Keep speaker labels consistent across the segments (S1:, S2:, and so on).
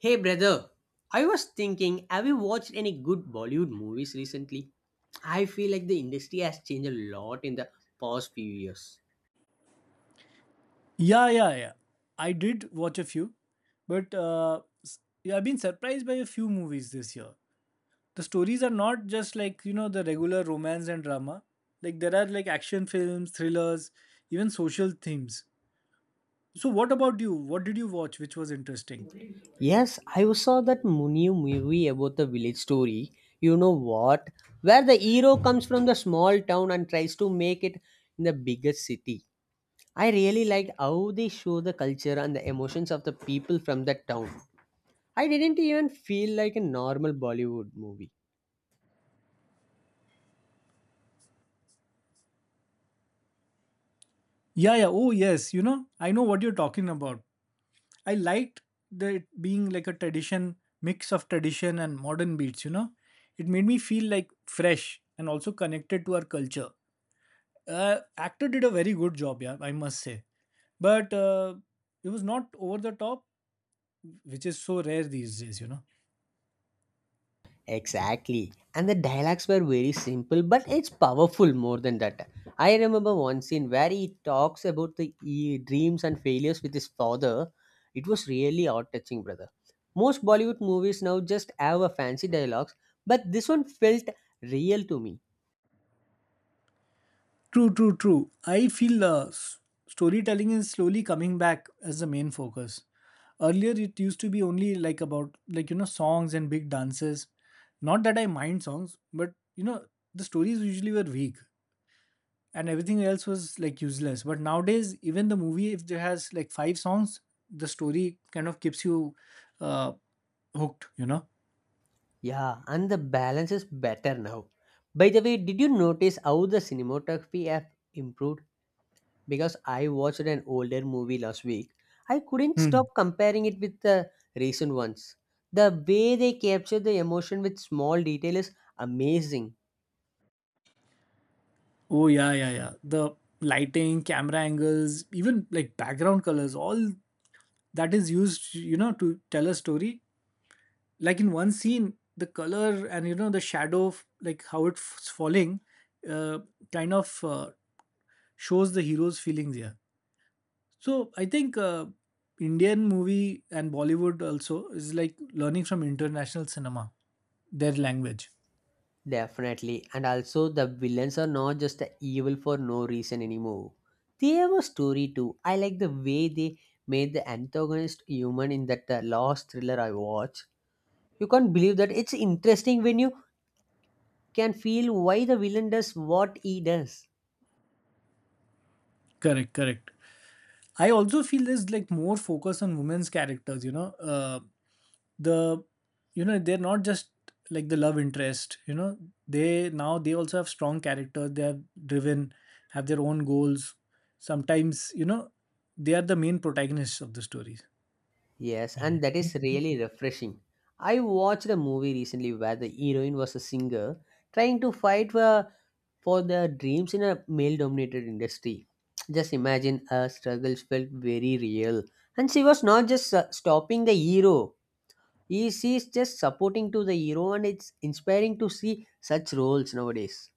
S1: Hey brother, I was thinking, have you watched any good Bollywood movies recently? I feel like the industry has changed a lot in the past few years.
S2: Yeah, yeah, yeah. I did watch a few, but yeah, I've been surprised by a few movies this year. The stories are not just the regular romance and drama. Like, there are like action films, thrillers, even social themes. So, what about you? What did you watch which was interesting?
S1: Yes, I saw that Munio movie about the village story. You know what? Where the hero comes from the small town and tries to make it in the biggest city. I really liked how they show the culture and the emotions of the people from that town. I didn't even feel like a normal Bollywood movie.
S2: Yeah, yeah. Oh, yes. You know, I know what you're talking about. I liked the it being like a tradition, mix of tradition and modern beats, you know. It made me feel like fresh and also connected to our culture. Actor did a very good job, yeah, I must say. But It was not over the top, which is so rare these days, you know.
S1: Exactly. And the dialogues were very simple, but it's powerful more than that. I remember one scene where he talks about the dreams and failures with his father. It was really heart touching, brother. Most Bollywood movies now just have a fancy dialogues, but this one felt real to me.
S2: True, true, true. I feel storytelling is slowly coming back as the main focus. Earlier, it used to be only like about, songs and big dances. Not that I mind songs, but, you know, the stories usually were weak and everything else was like useless. But nowadays, even the movie, if there has like five songs, the story kind of keeps you uh, hooked, you know?
S1: Yeah, and the balance is better now. By the way, did you notice how the cinematography have improved? Because I watched an older movie last week. I couldn't stop
S2: Hmm.
S1: comparing it with the recent ones. The way they capture the emotion with small detail is amazing,
S2: Oh, yeah, yeah, yeah. The lighting, camera angles, even like background colors, all that is used, you know, to tell a story. Like in one scene, the color and, you know, the shadow, of, like how it's falling, uh, kind of shows the hero's feelings here. So I think Indian movie and Bollywood also is like learning from international cinema, their language.
S1: definitely. And also, the villains are not just the evil for no reason anymore. They have a story too. I like the way they made the antagonist human in that last thriller I watched. You can't believe that it's interesting when you can feel why the villain does what he does.
S2: Correct, correct. I also feel there's like more focus on women's characters, you know. The they're not just like the love interest, you know. They now they also have strong characters, they have driven, have their own goals. Sometimes, you know, they are the main protagonists of the stories.
S1: Yes,
S2: Yeah.
S1: and that is
S2: Mhm.
S1: really refreshing. I watched a movie recently where the heroine was a singer trying to for their dreams in a male dominated industry. Just imagine her struggles felt very real. And she was not just stopping the hero, she is just supporting to the hero, and it's inspiring to see such roles nowadays.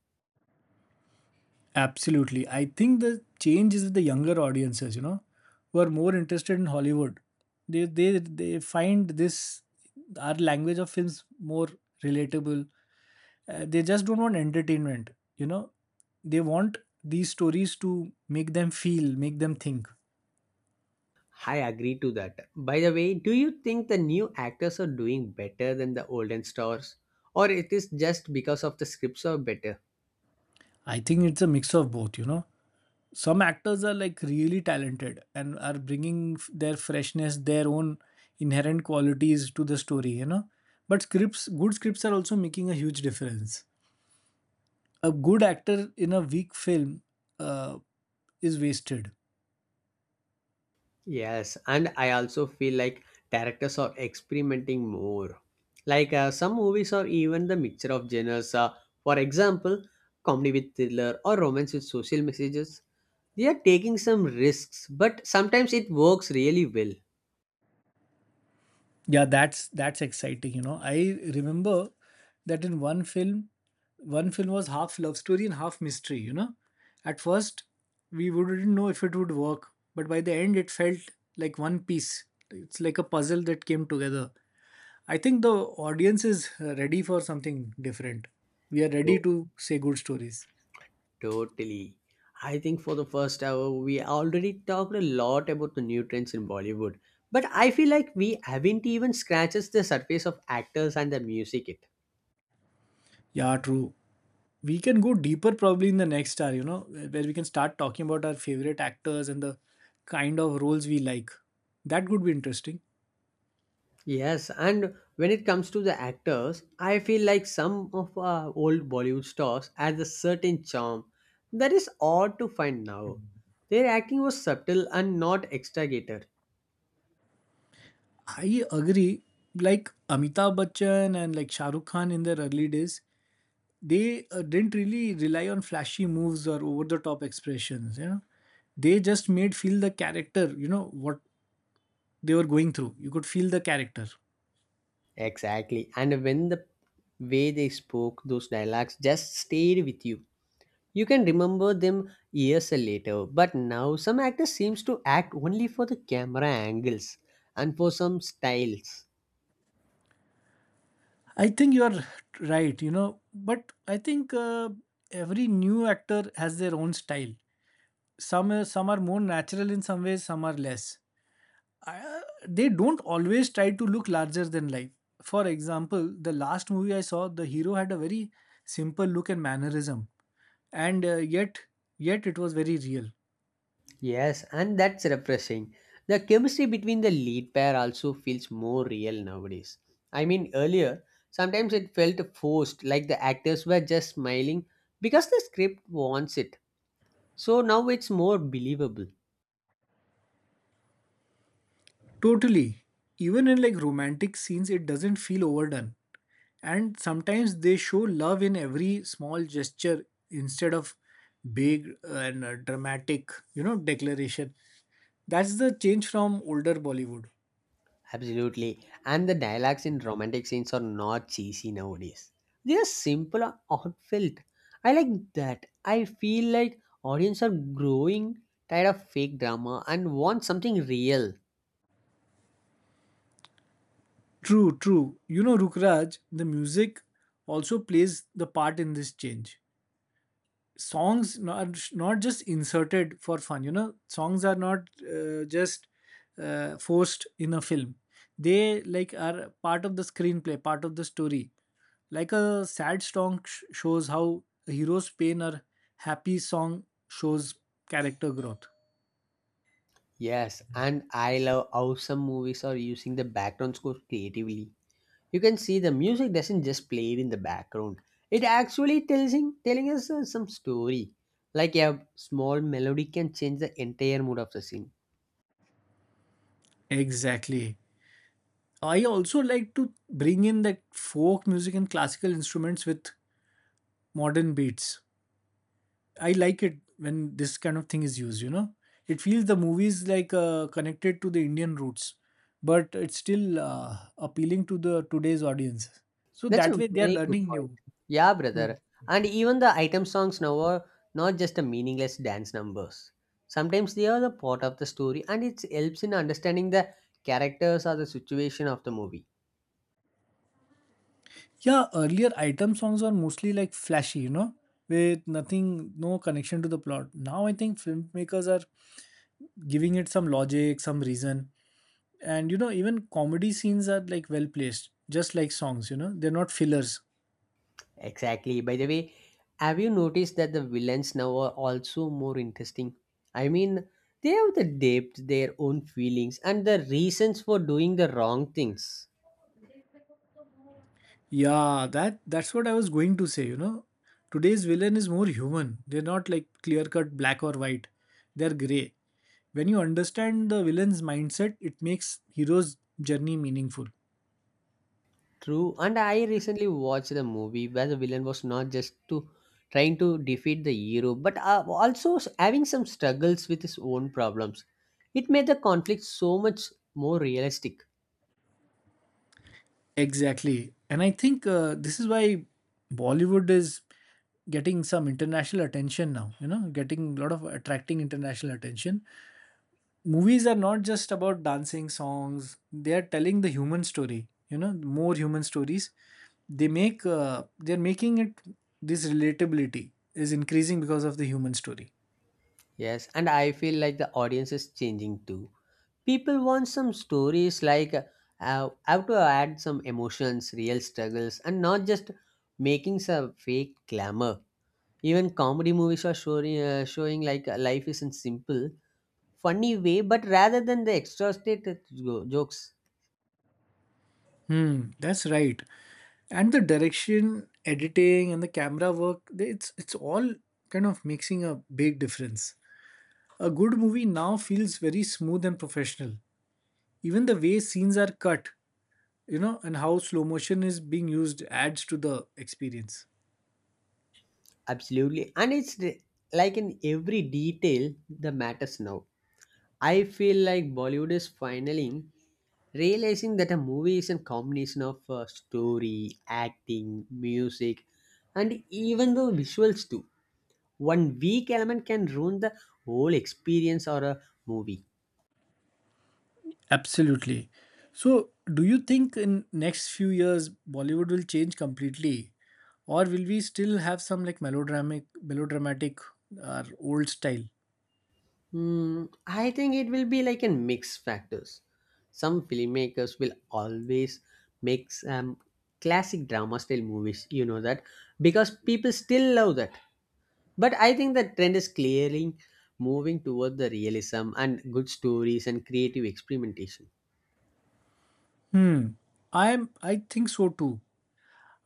S2: Absolutely. I think the change is with the younger audiences, you know, who are more interested in Hollywood. They find this our language of films more relatable, they just don't want entertainment, you know, they want these stories to make them feel, make them think.
S1: I agree to that. By the way, do you think the new actors are doing better than the olden stars? Or it is just because of the scripts are better?
S2: I think it's a mix of both, you know. Some actors are like really talented and are bringing their freshness, their own inherent qualities to the story, you know. But scripts, good scripts are also making a huge difference. A good actor in a weak film, uh, is wasted.
S1: Yes, and I also feel like directors are experimenting more. Like some movies are even the mixture of genres. For example, comedy with thriller or romance with social messages. They are taking some risks, but sometimes it works really well.
S2: Yeah, that's exciting. You know, I remember that in one film was half love story and half mystery. You know, at first we wouldn't know if it would work, but by the end it felt like one piece. It's like a puzzle that came together. I think the audience is ready for something different. We are ready
S1: To-
S2: to say good stories.
S1: Totally. I think for the first hour, we already talked a lot about the new trends in Bollywood. But I feel like we haven't even scratched the surface of actors and the music yet.
S2: Yeah, true. We can go deeper probably in the next hour, you know, where we can start talking about our favorite actors and the kind of roles we like. That would be interesting.
S1: Yes, and when it comes to the actors, I feel like some of our old Bollywood stars has a certain charm that is odd to find now. Their acting was subtle and not exaggerated.
S2: I agree. Like Amitabh Bachchan and like Shah Rukh Khan in their early days, they didn't really rely on flashy moves or over the top expressions, you know. They just made feel the character, you know, what they were going through. You could feel the character.
S1: Exactly, and when the way they spoke those dialogues just stayed with you. You can remember them years later, but now some actors seems to act only for the camera angles and for some styles.
S2: I think you are right, you know, but I think every new actor has their own style. Some are more natural, in some ways some are less. I- uh, they don't always try to look larger than life. For example, the last movie I saw, the hero had a very simple look and mannerism, and yet it was very real.
S1: Yes, and that's refreshing. The chemistry between the lead pair also feels more real nowadays. I mean, earlier, sometimes it felt forced, like the actors were just smiling because the script wants it. So now it's more believable.
S2: Totally. Even in like romantic scenes it doesn't feel overdone, and sometimes they show love in every small gesture instead of big and dramatic, you know, declaration. That's the change from older Bollywood.
S1: Absolutely. And the dialogues in romantic scenes are not cheesy nowadays. They are simple and heartfelt. I like that. I feel like audience are growing tired of fake drama and want something real.
S2: True, true. You know, Rukraj, the music also plays the part in this change. Songs not just inserted for fun. You know, songs are not just forced in a film. They like are part of the screenplay, part of the story. Like a sad song shows how a hero's pain, or happy song shows character growth.
S1: Yes, and I love how some movies are using the background score creatively. You can see the music doesn't just play it in the background. It actually telling us some story. Like a small melody can change the entire mood of the scene.
S2: Exactly. I also like to bring in that folk music and classical instruments with modern beats. I like it when this kind of thing is used, you know. It feels the movies like connected to the Indian roots, but it's still appealing to the today's audience. So
S1: That's a
S2: that way they are
S1: very good
S2: learning
S1: point.
S2: new.
S1: Yeah,
S2: Hmm.
S1: brother. And even the item songs now are not just a meaningless dance numbers. Sometimes they are the part of the story and it helps in understanding the characters or the situation of the movie.
S2: Yeah, earlier item songs were mostly like flashy, you know, with nothing, no connection to the plot. Now I think filmmakers are giving it some logic, some reason. And you know, even comedy scenes are like well placed, just like songs, you know, they're not fillers.
S1: Exactly. By the way, have you noticed that the villains now are also more interesting? I mean, they have the depth, their own feelings, and the reasons for doing the wrong things.
S2: Yeah, that's what I was going to say, you know. Today's villain is more human. They're not like clear-cut black or white. They're gray. When you understand the villain's mindset, it makes hero's journey meaningful.
S1: True. And I recently watched a movie where the villain was not just to trying to defeat the hero, but having some struggles with his own problems. It made the conflict so much more realistic.
S2: Exactly. And I think this is why Bollywood is getting some international attention now, you know, getting a lot of attracting international attention. Movies are not just about dancing songs, they are telling the human story, you know, more human stories. They're making it, this relatability is increasing because of the human story.
S1: Yes, and I feel like the audience is changing too. People want some stories like have to add some emotions, real struggles, and not just making some fake glamour. Even comedy movies are showing like life isn't simple funny way, but rather than the extra stated jokes.
S2: Hmm, that's right. And the direction, editing and the camera work, it's all kind of making a big difference. A good movie now feels very smooth and professional. Even the way scenes are cut, you know, and how slow motion is being used adds to the experience.
S1: Absolutely. And like in every detail, the matters now. I feel like Bollywood is finally realizing that a movie is a combination of story, acting, music, and even the visuals too. One weak element can ruin the whole experience or a movie.
S2: Absolutely. So, do you think in next few years Bollywood will change completely, or will we still have some like melodramatic, or old style?
S1: Hmm, I think it will be like a mix factors. Some filmmakers will always make classic drama style movies, you know that, because people still love that. But I think the trend is clearly moving toward the realism and good stories and creative experimentation.
S2: Hmm. I think so too.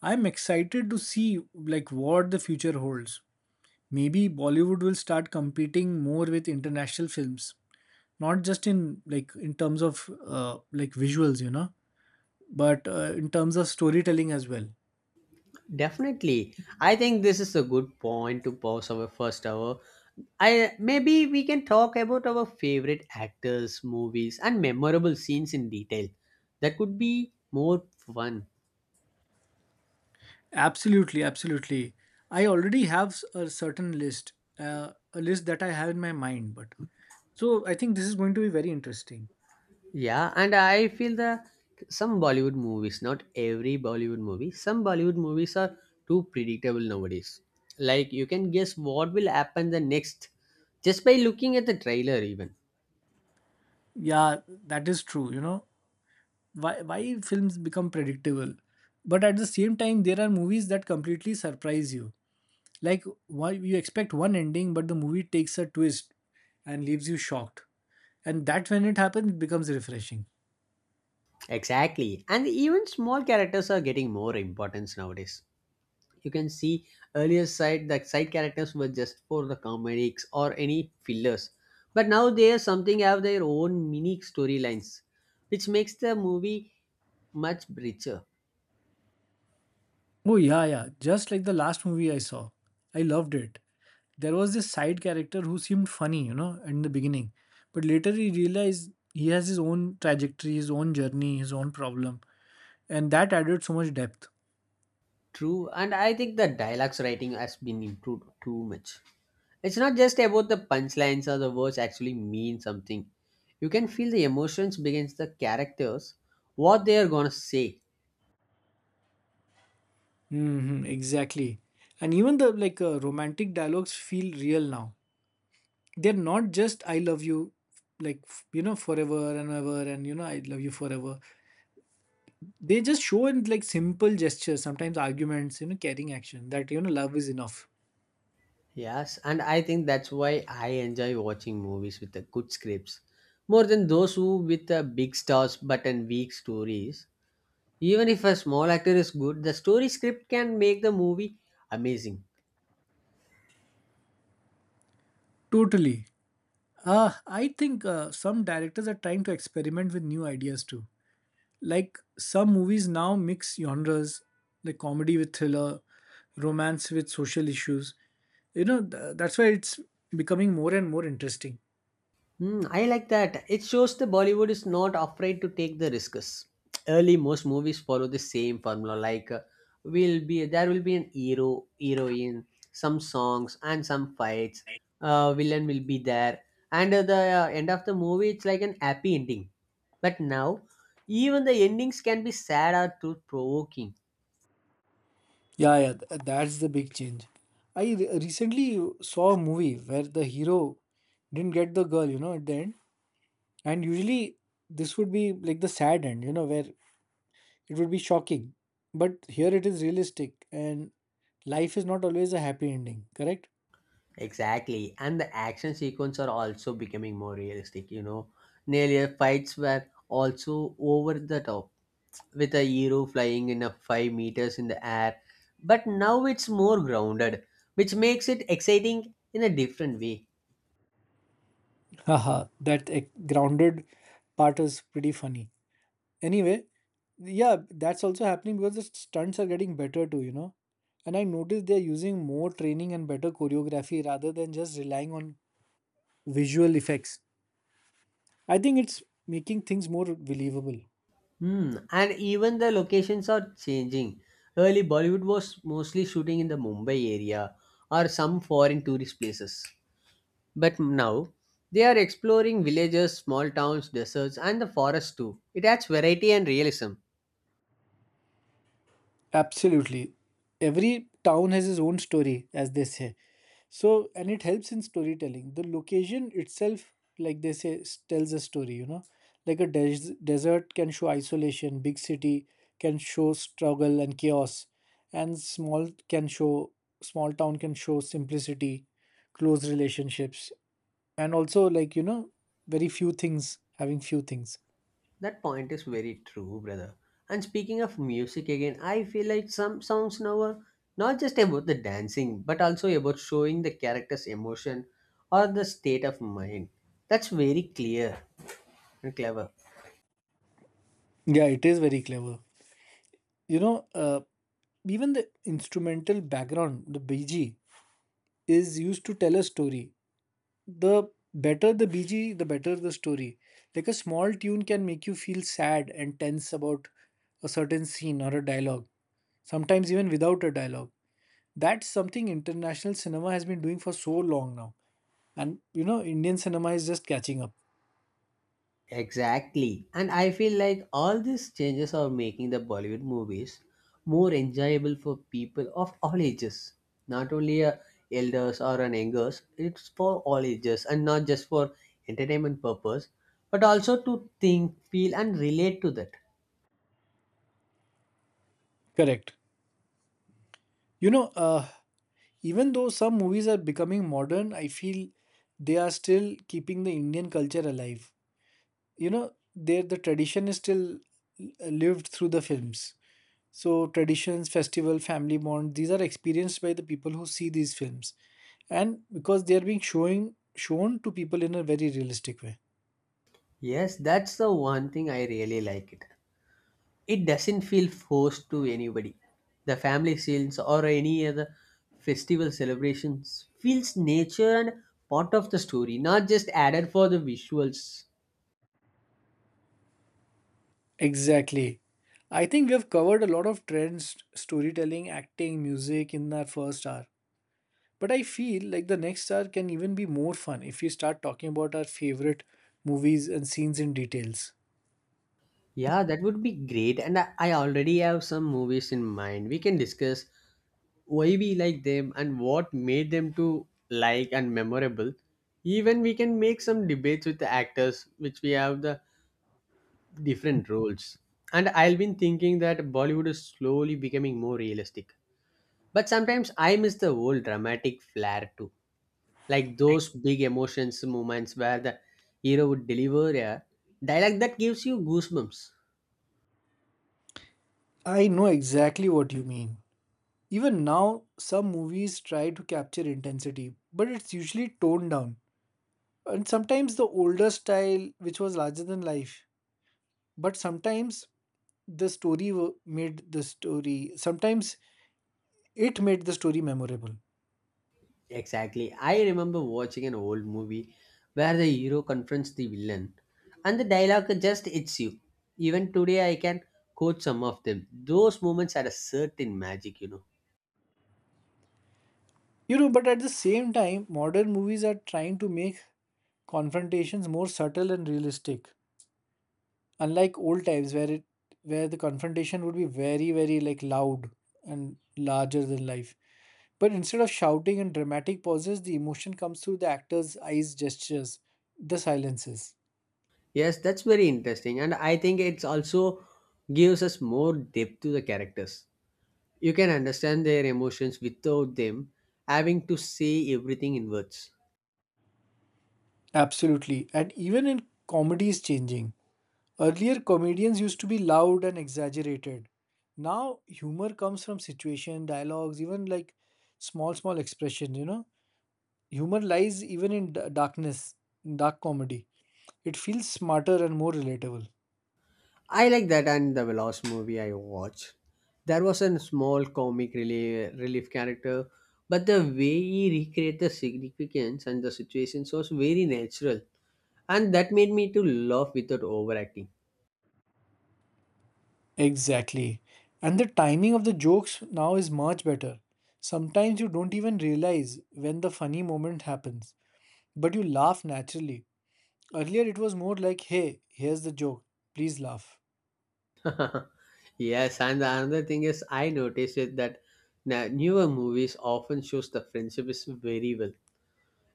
S2: I'm excited to see like what the future holds. Maybe Bollywood will start competing more with international films, not just in like in terms of like visuals, you know, but in terms of storytelling as well.
S1: Definitely. I think this is a good point to pause our first hour. I maybe we can talk about our favorite actors, movies, and memorable scenes in detail. That could be more fun.
S2: Absolutely, absolutely. I already have a certain list, a list that I have in my mind. But so I think this is going to be very interesting.
S1: Yeah, and I feel the some Bollywood movies, not every Bollywood movie, some Bollywood movies are too predictable nowadays. Like you can guess what will happen the next just by looking at the trailer even.
S2: Yeah, that is true. You know why films become predictable, but at the same time there are movies that completely surprise you. Like why you expect one ending, but the movie takes a twist and leaves you shocked. And that when it happens, it becomes refreshing.
S1: Exactly. And even small characters are getting more importance nowadays. You can see earlier side the side characters were just for the comics or any fillers. But now they are something have their own unique storylines, which makes the movie much richer.
S2: Oh yeah, yeah. Just like the last movie I saw, I loved it. There was this side character who seemed funny, you know, in the beginning. But later he realized he has his own trajectory, his own journey, his own problem. And that added so much depth.
S1: True, and I think the dialogues writing has been improved too much. It's not just about the punchlines or the words actually mean something. You can feel the emotions begins the characters, what they are gonna say.
S2: Hmm, exactly. And even the like romantic dialogues feel real now. They're not just "I love you," like you know, forever and ever, and you know, "I love you forever." They just show in like simple gestures, sometimes arguments, you know, caring action that, you know, love is enough.
S1: Yes, and I think that's why I enjoy watching movies with the good scripts more than those who with the big stars but and weak stories. Even if a small actor is good, the story script can make the movie amazing.
S2: Totally. I think some directors are trying to experiment with new ideas too. Like some movies now mix genres, like comedy with thriller, romance with social issues. You know, that's why it's becoming more and more interesting.
S1: Hmm, I like that. It shows the Bollywood is not afraid to take the risks. Early, most movies follow the same formula. Like, will be there will be an hero, heroine, some songs, and some fights. Villain will be there, and the end of the movie it's like an happy ending. But now, even the endings can be sad or thought-provoking.
S2: Yeah, yeah, that's the big change. I recently saw a movie where the hero didn't get the girl, you know, at the end. And usually this would be like the sad end, you know, where it would be shocking. But here it is realistic, and life is not always a happy ending, correct?
S1: Exactly, and the action sequence are also becoming more realistic. You know, nearly fights were also over the top with a hero flying in a 5 meters in the air, but now it's more grounded, which makes it exciting in a different way.
S2: Haha, that grounded part is pretty funny. Anyway, yeah, that's also happening because the stunts are getting better too, you know. And I noticed they're using more training and better choreography rather than just relying on visual effects. I think it's making things more believable.
S1: Hmm. And even the locations are changing. Early Bollywood was mostly shooting in the Mumbai area or some foreign tourist places, but now they are exploring villages, small towns, deserts, and the forest too. It adds variety and realism.
S2: Absolutely. Every town has its own story, as they say. So, and it helps in storytelling. The location itself, like they say, tells a story, you know. Like a desert can show isolation, big city can show struggle and chaos, and small town can show simplicity, close relationships, and also like, you know, very few things, having few things.
S1: That point is very true, brother. And speaking of music again, I feel like some songs now are not just about the dancing, but also about showing the character's emotion or the state of mind. That's very clear and clever.
S2: Yeah, it is very clever. You know, even the instrumental background, the BG, is used to tell a story. The better the BG, the better the story. Like a small tune can make you feel sad and tense about a certain scene or a dialogue, sometimes even without a dialogue. That's something international cinema has been doing for so long now. And, you know, Indian cinema is just catching up.
S1: Exactly. And I feel like all these changes are making the Bollywood movies more enjoyable for people of all ages. Not only elders or an youngers, it's for all ages and not just for entertainment purpose, but also to think, feel and relate to that.
S2: Correct. You know, even though some movies are becoming modern, I feel they are still keeping the Indian culture alive. You know there the tradition is still lived through the films. So traditions, festival, family bond, these are experienced by the people who see these films, and because they are being showing shown to people in a very realistic way.
S1: Yes, that's the one thing I really like it. It doesn't feel forced to anybody. The family sales or any other festival celebrations feels nature and part of the story, not just added for the visuals.
S2: Exactly. I think we have covered a lot of trends, storytelling, acting, music in our first hour, but I feel like the next hour can even be more fun if we start talking about our favorite movies and scenes in details.
S1: Yeah, that would be great. And I already have some movies in mind. We can discuss why we like them and what made them to like and memorable. Even we can make some debates with the actors, which we have the different roles. And I've been thinking that Bollywood is slowly becoming more realistic. But sometimes I miss the old dramatic flair too. Like those big emotions moments where the hero would deliver a dialogue that gives you goosebumps.
S2: I know exactly what you mean. Even now, some movies try to capture intensity, but it's usually toned down. And sometimes the older style, which was larger than life, but sometimes the story wa- made the story, sometimes it made the story memorable.
S1: Exactly. I remember watching an old movie where the hero confronts the villain and the dialogue just hits you. Even today I can quote some of them. Those moments had a certain magic, you know.
S2: You know, but at the same time, modern movies are trying to make confrontations more subtle and realistic. Unlike old times where it where the confrontation would be very very like loud and larger than life, but instead of shouting and dramatic pauses the emotion comes through the actors eyes, gestures, the silences.
S1: Yes, that's very interesting and I think it's also gives us more depth to the characters. You can understand their emotions without them having to say everything in words.
S2: Absolutely. And even in comedy is changing. Earlier comedians used to be loud and exaggerated. Now humor comes from situation, dialogues, even like small small expression, you know. Humor lies even in darkness, in dark comedy. It feels smarter and more relatable.
S1: I like that and the last movie I watched. There was a small relief character, but the way he recreated the significance and the situations was very natural. And that made me to laugh without overacting.
S2: Exactly. And the timing of the jokes now is much better. Sometimes you don't even realize when the funny moment happens, but you laugh naturally. Earlier it was more like, hey, here's the joke, please laugh.
S1: Yes, and the another thing is I noticed it that newer movies often shows the friendship is very well.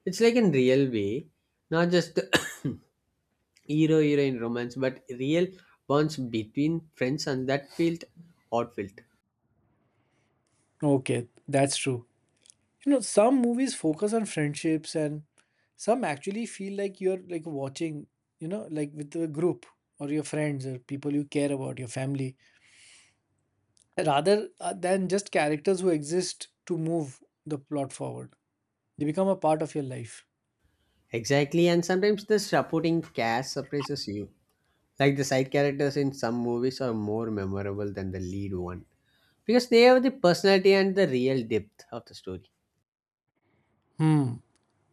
S1: It's like in real way, not just hero heroine romance, but real bonds between friends, and that felt.
S2: Okay, that's true. You know, some movies focus on friendships and some actually feel like you're like watching, you know, like with a group or your friends or people you care about, your family. Rather than just characters who exist to move the plot forward. They become a part of your life.
S1: Exactly, and sometimes the supporting cast surprises you. Like the side characters in some movies are more memorable than the lead one because they have the personality and the real depth of the story.
S2: Hmm.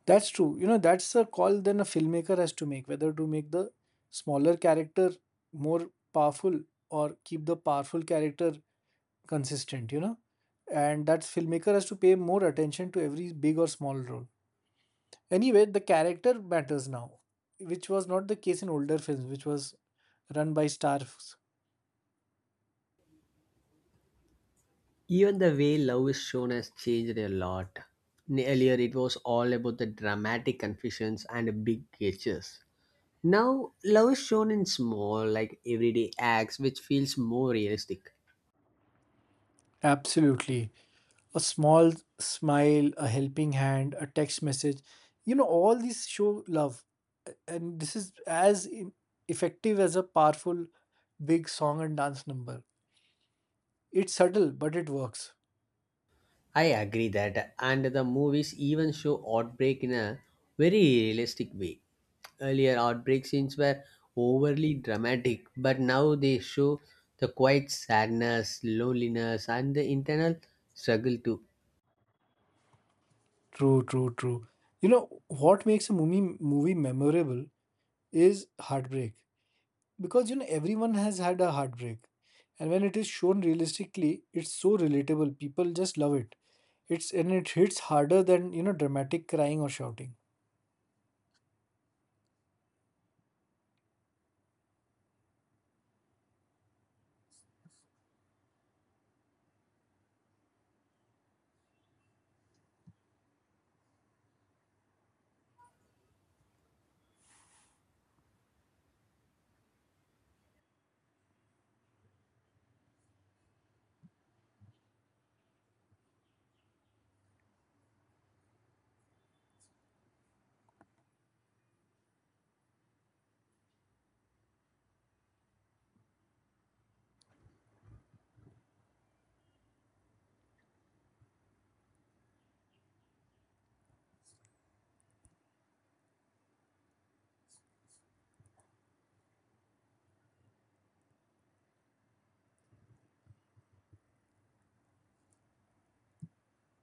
S2: That's true. You know, that's a call then a filmmaker has to make whether to make the smaller character more powerful or keep the powerful character consistent, you know. And that filmmaker has to pay more attention to every big or small role. Anyway, the character matters now, which was not the case in older films, which was run by stars.
S1: Even the way love is shown has changed a lot. Earlier, it was all about the dramatic confessions and big gestures. Now, love is shown in small, like everyday acts, which feels more realistic.
S2: Absolutely. A small smile, a helping hand, a text message. You know, all these show love. And this is as effective as a powerful big song and dance number. It's subtle, but it works.
S1: I agree that, and the movies even show outbreak in a very realistic way. Earlier outbreak scenes were overly dramatic, but now they show the quiet sadness, loneliness, and the internal struggle too.
S2: True, true, true. You know, what makes a movie memorable is heartbreak. Because you know, everyone has had a heartbreak. And when it is shown realistically, it's so relatable. People just love it. It hits harder than, you know, dramatic crying or shouting.